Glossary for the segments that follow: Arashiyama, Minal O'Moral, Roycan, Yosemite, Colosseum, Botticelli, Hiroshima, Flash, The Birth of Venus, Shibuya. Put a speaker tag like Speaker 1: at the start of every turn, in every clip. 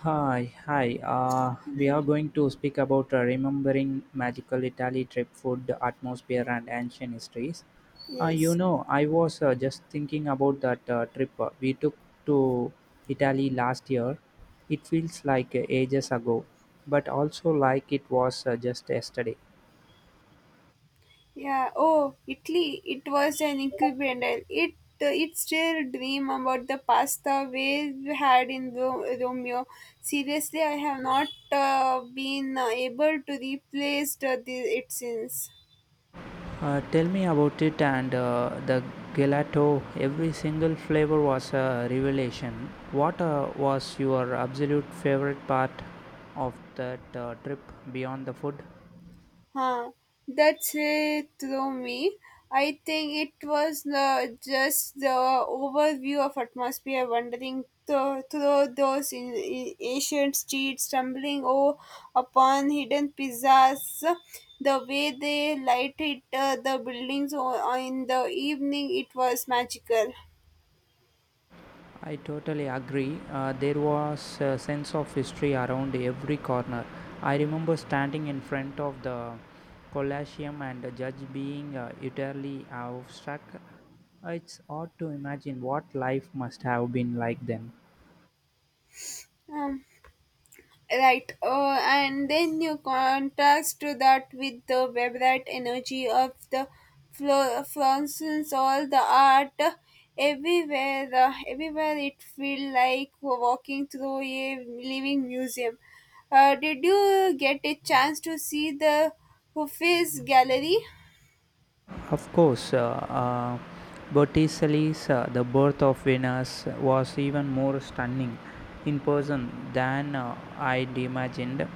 Speaker 1: Hi, hi. We are going to speak about remembering magical Italy trip food, the atmosphere, and ancient histories.
Speaker 2: Yes.
Speaker 1: I was just thinking about that trip we took to Italy last year. It feels like ages ago, but also like it was just yesterday.
Speaker 2: Yeah. Oh, Italy. It was an incredible. It still dream about the pasta we had in Romeo. Seriously, I have not been able to replace it since.
Speaker 1: Tell me about it and the gelato. Every single flavor was a revelation. What was your absolute favorite part of that trip beyond the food?
Speaker 2: Huh. That's it through me. I think it was just the overview of atmosphere wandering through those in ancient streets, stumbling o upon hidden pizzas, the way they lighted the buildings o- in the evening, it was magical.
Speaker 1: I totally agree. There was a sense of history around every corner. I remember standing in front of the Colosseum and the judge being utterly abstract. It's odd to imagine what life must have been like then.
Speaker 2: Um, Right, and then you contrast to that with the vibrant energy of the fluorescence, all the art everywhere. Everywhere it feel like we're walking through a living museum. Did you get a chance to see the Hufis gallery?
Speaker 1: Of course, Botticelli's The Birth of Venus was even more stunning in person than I'd imagined.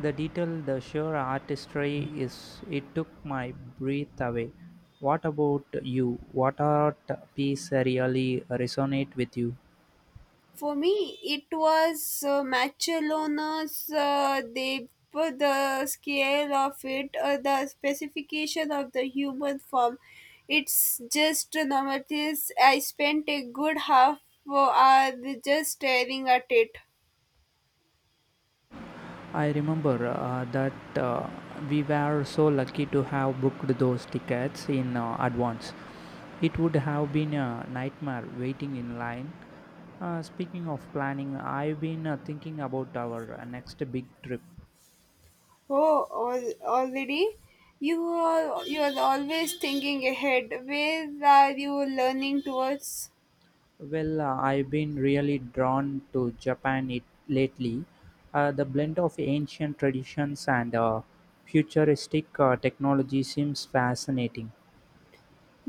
Speaker 1: The detail, the sheer artistry is it took my breath away. What about you? What art piece really resonate with you?
Speaker 2: For me, it was Macellona's they put the scale of it, the specification of the human form. It's just notice. I spent a good half hour just staring at it.
Speaker 1: I remember that uh, we were so lucky to have booked those tickets in advance. It would have been a nightmare waiting in line. Speaking of planning, I've been thinking about our next big trip.
Speaker 2: Oh, already? You are always thinking ahead. Where are you learning towards?
Speaker 1: Well, I've been really drawn to Japan it lately. The blend of ancient traditions and futuristic technology seems fascinating.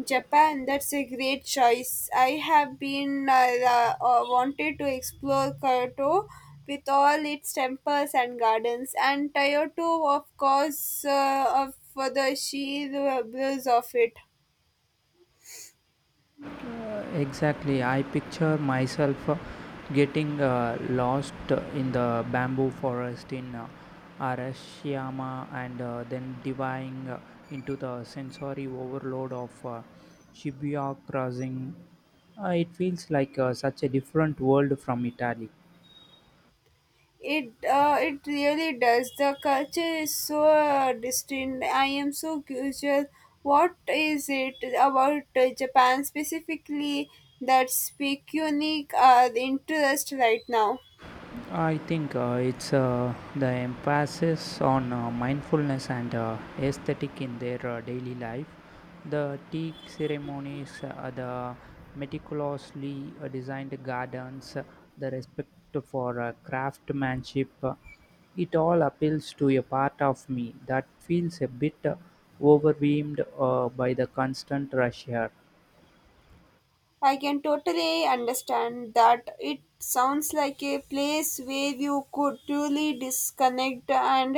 Speaker 2: Japan, that's a great choice. I have been wanted to explore Kyoto with all its temples and gardens, and Kyoto, of course, of for the sheer blues of it.
Speaker 1: Exactly, I picture myself getting lost in the bamboo forest in arashiyama and then diving into the sensory overload of shibuya crossing. It feels like such a different world from italy.
Speaker 2: It really does. The culture is so distinct. I am so curious. What is it about Japan specifically that's speak unique interest right now?
Speaker 1: I think it's the emphasis on mindfulness and aesthetic in their daily life. The tea ceremonies, the meticulously designed gardens, the respect for craftsmanship, it all appeals to a part of me that feels a bit overwhelmed by the constant rush here.
Speaker 2: I can totally understand that it sounds like a place where you could truly disconnect and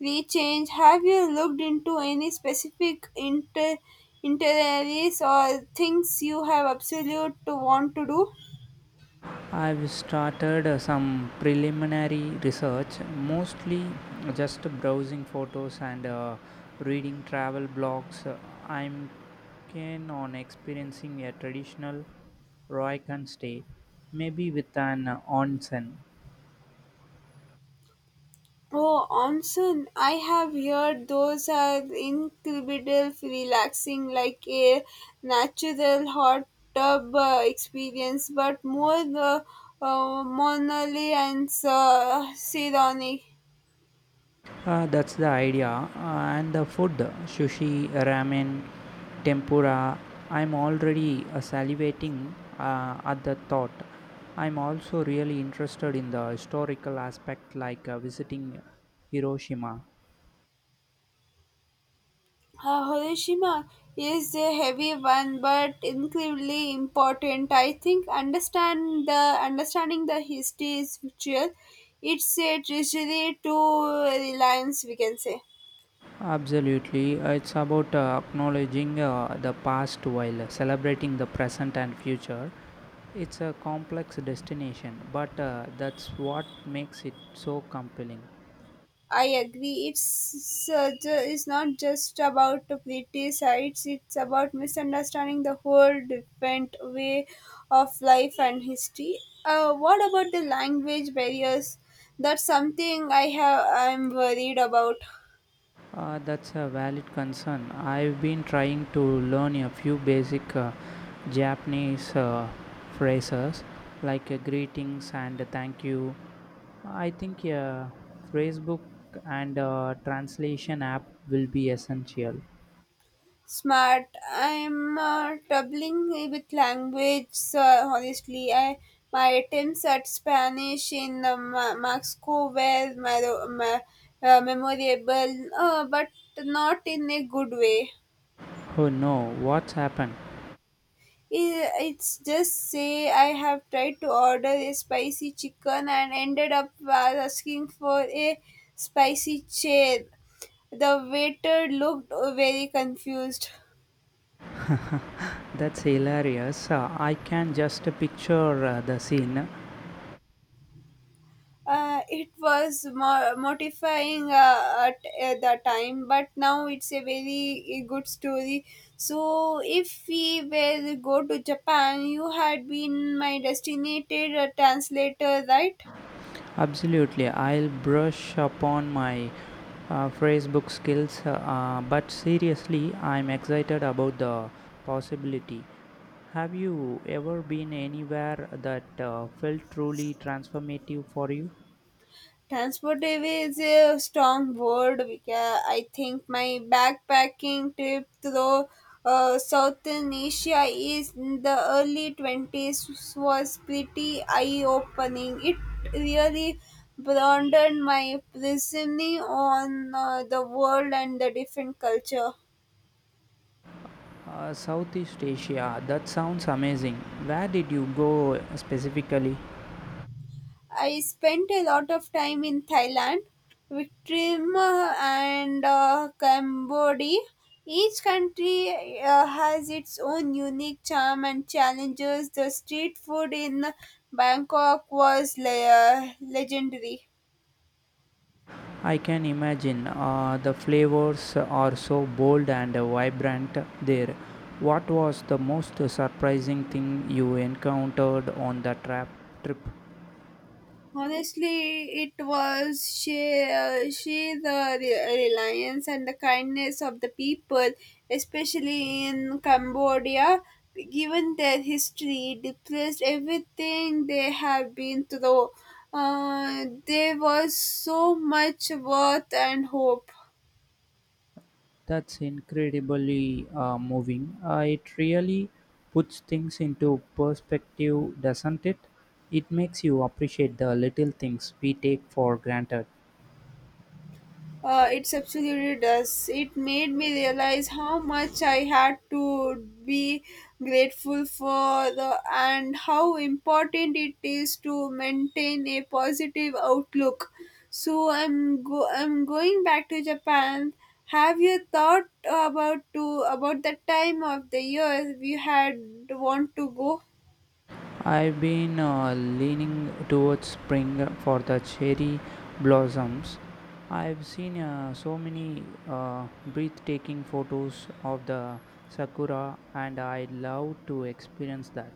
Speaker 2: rechange. Have you looked into any specific inter- itineraries or things you have absolute want to do?
Speaker 1: I've started some preliminary research, mostly just browsing photos and reading travel blogs. I'm keen on experiencing a traditional Roycan stay, maybe with an onsen.
Speaker 2: Oh, onsen. I have heard those are incredible, relaxing, like a natural hot tub experience, but more the monally and seronic.
Speaker 1: That's the idea. And the food sushi, ramen, tempura. I'm already salivating at the thought. I'm also really interested in the historical aspect, like visiting Hiroshima.
Speaker 2: Hiroshima is a heavy one, but incredibly important. I think understanding the history is crucial. It's a treasury to reliance, we can say.
Speaker 1: Absolutely. It's about acknowledging the past while celebrating the present and future. It's a complex destination, but that's what makes it so compelling.
Speaker 2: I agree. It's it's not just about pretty sights. It's about misunderstanding the whole different way of life and history. What about the language barriers? That's something I have. I'm worried about.
Speaker 1: That's a valid concern. I've been trying to learn a few basic Japanese phrases like greetings and thank you. I think a phrasebook and a translation app will be essential.
Speaker 2: Smart. I'm doubling with language, honestly. I my attempts at spanish in mexico were memorable but not in a good way.
Speaker 1: Oh no, what's happened?
Speaker 2: I- it's just say I have tried to order a spicy chicken and ended up asking for a spicy chair. The waiter looked very confused.
Speaker 1: That's hilarious. I can just picture the scene.
Speaker 2: It was mortifying at the time, but now it's a very good story. So, if we were go to Japan, you had been my designated translator, right?
Speaker 1: Absolutely, I'll brush upon my phrasebook skills, but seriously, I'm excited about the possibility. Have you ever been anywhere that felt truly transformative for you?
Speaker 2: Transportive is a strong word. I think my backpacking trip through Southern Asia is in the early 20s was pretty eye-opening. It really broadened my prism on the world and the different culture.
Speaker 1: Southeast Asia, that sounds amazing. Where did you go specifically?
Speaker 2: I spent a lot of time in Thailand, Vietnam, and Cambodia. Each country has its own unique charm and challenges. The street food in Bangkok was legendary.
Speaker 1: I can imagine the flavors are so bold and vibrant there. What was the most surprising thing you encountered on the trap trip?
Speaker 2: Honestly, it was she the reliance and the kindness of the people, especially in Cambodia, given their history, depressed everything they have been through. There was so much worth and hope.
Speaker 1: That's incredibly moving. It really puts things into perspective, doesn't it? It makes you appreciate the little things we take for granted.
Speaker 2: It absolutely does. It made me realize how much I had to be grateful for the and how important it is to maintain a positive outlook. So I'm going back to Japan. Have you thought about the time of the year we had want to go?
Speaker 1: I've been leaning towards spring for the cherry blossoms. I've seen so many breathtaking photos of the sakura, and I'd love to experience that.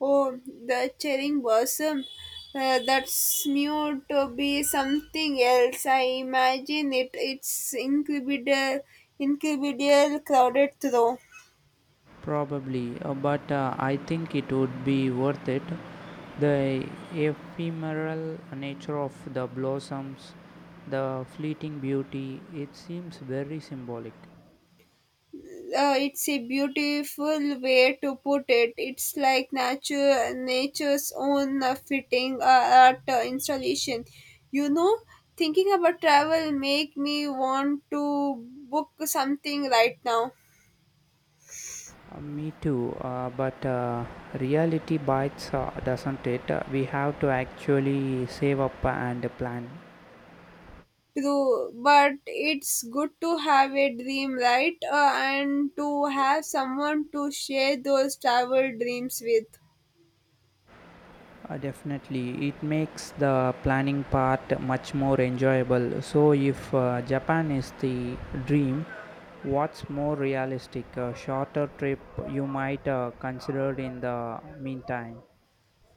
Speaker 2: Oh, the cherry blossom. That's new to be something else. I imagine it. It's incredible, incredible crowded though.
Speaker 1: Probably, but I think it would be worth it. The ephemeral nature of the blossoms, the fleeting beauty, it seems very symbolic.
Speaker 2: It's a beautiful way to put it. It's like nature's own fitting art installation. You know, thinking about travel make me want to book something right now.
Speaker 1: Me too, but reality bites, doesn't it? We have to actually save up and plan.
Speaker 2: True, but it's good to have a dream, right? And to have someone to share those travel dreams with.
Speaker 1: Definitely, it makes the planning part much more enjoyable. So, if Japan is the dream, what's more realistic? A shorter trip you might consider in the meantime?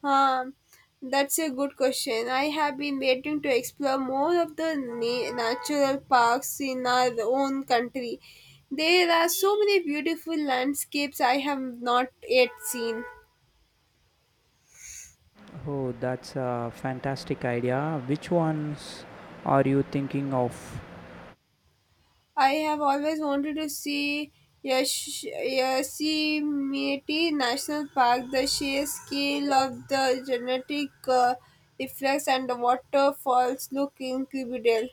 Speaker 2: Um, that's a good question. I have been waiting to explore more of the natural parks in our own country. There are so many beautiful landscapes I have not yet seen.
Speaker 1: Oh, that's a fantastic idea. Which ones are you thinking of?
Speaker 2: I have always wanted to see Yosemite National Park. The sheer scale of the genetic effects and the waterfalls look incredible.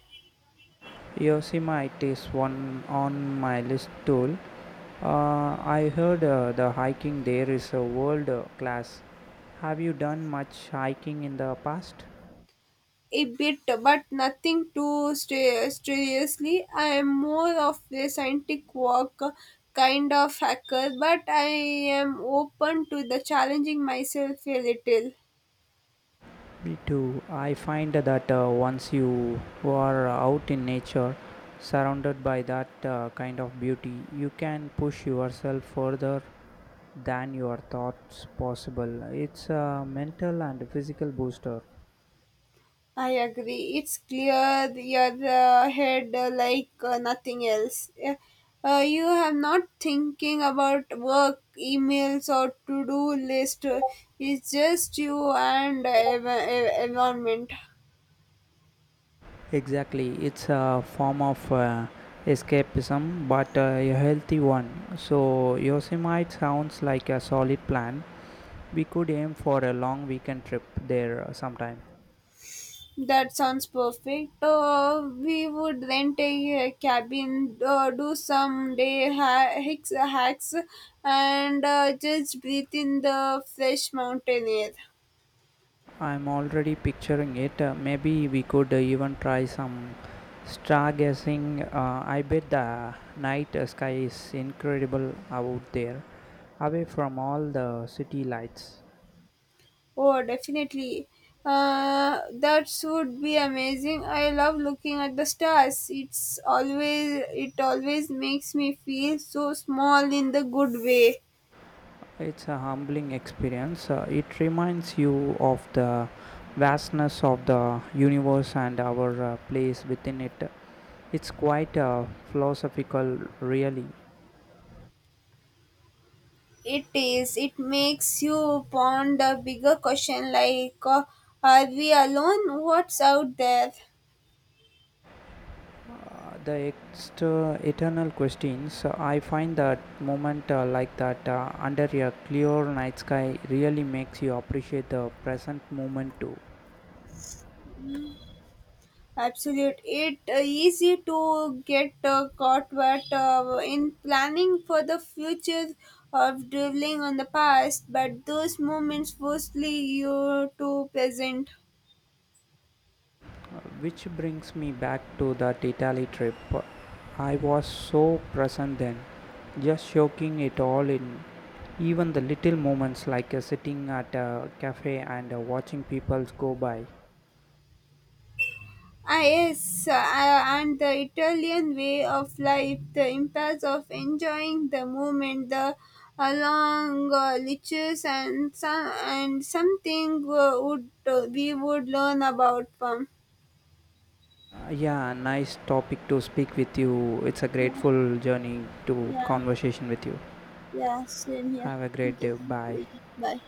Speaker 1: Yosemite is one on my list too. I heard the hiking there is a world class. Have you done much hiking in the past?
Speaker 2: A bit, but nothing too seriously. I am more of a scientific walk kind of hacker, but I am open to the challenging myself a little.
Speaker 1: Me too. I find that once you are out in nature, surrounded by that kind of beauty, you can push yourself further than your thoughts possible. It's a mental and physical booster.
Speaker 2: I agree. It's clear your head like nothing else. You have not thinking about work, emails, or to-do list. It's just you and environment.
Speaker 1: Exactly, it's a form of escapism, but a healthy one. So, Yosemite sounds like a solid plan. We could aim for a long weekend trip there sometime.
Speaker 2: That sounds perfect. We would rent a cabin, do some day hacks, and just breathe in the fresh mountain air.
Speaker 1: I'm already picturing it. Maybe we could even try some stargazing. I bet the night sky is incredible out there, away from all the city lights.
Speaker 2: Oh, definitely. That would be amazing. I love looking at the stars. It always makes me feel so small in the good way.
Speaker 1: It's a humbling experience. It reminds you of the vastness of the universe and our place within it. It's quite philosophical, really.
Speaker 2: It is. It makes you ponder bigger question like, are we alone? What's out there?
Speaker 1: The eternal questions. I find that moment like that under a clear night sky really makes you appreciate the present moment too.
Speaker 2: Absolute. It easy to get caught, but in planning for the future of dwelling on the past, but those moments mostly you to present.
Speaker 1: Which brings me back to that Italy trip. I was so present then, just soaking it all in. Even the little moments like sitting at a cafe and watching people go by.
Speaker 2: Ah, yes, and the Italian way of life, the impact of enjoying the moment, the along liches and some and something would we would learn about from.
Speaker 1: Yeah, nice topic to speak with you. It's a
Speaker 2: Yeah,
Speaker 1: grateful journey to
Speaker 2: yeah.
Speaker 1: conversation with you.
Speaker 2: Yeah, same here.
Speaker 1: Have a great
Speaker 2: Okay,
Speaker 1: day. Bye.
Speaker 2: bye.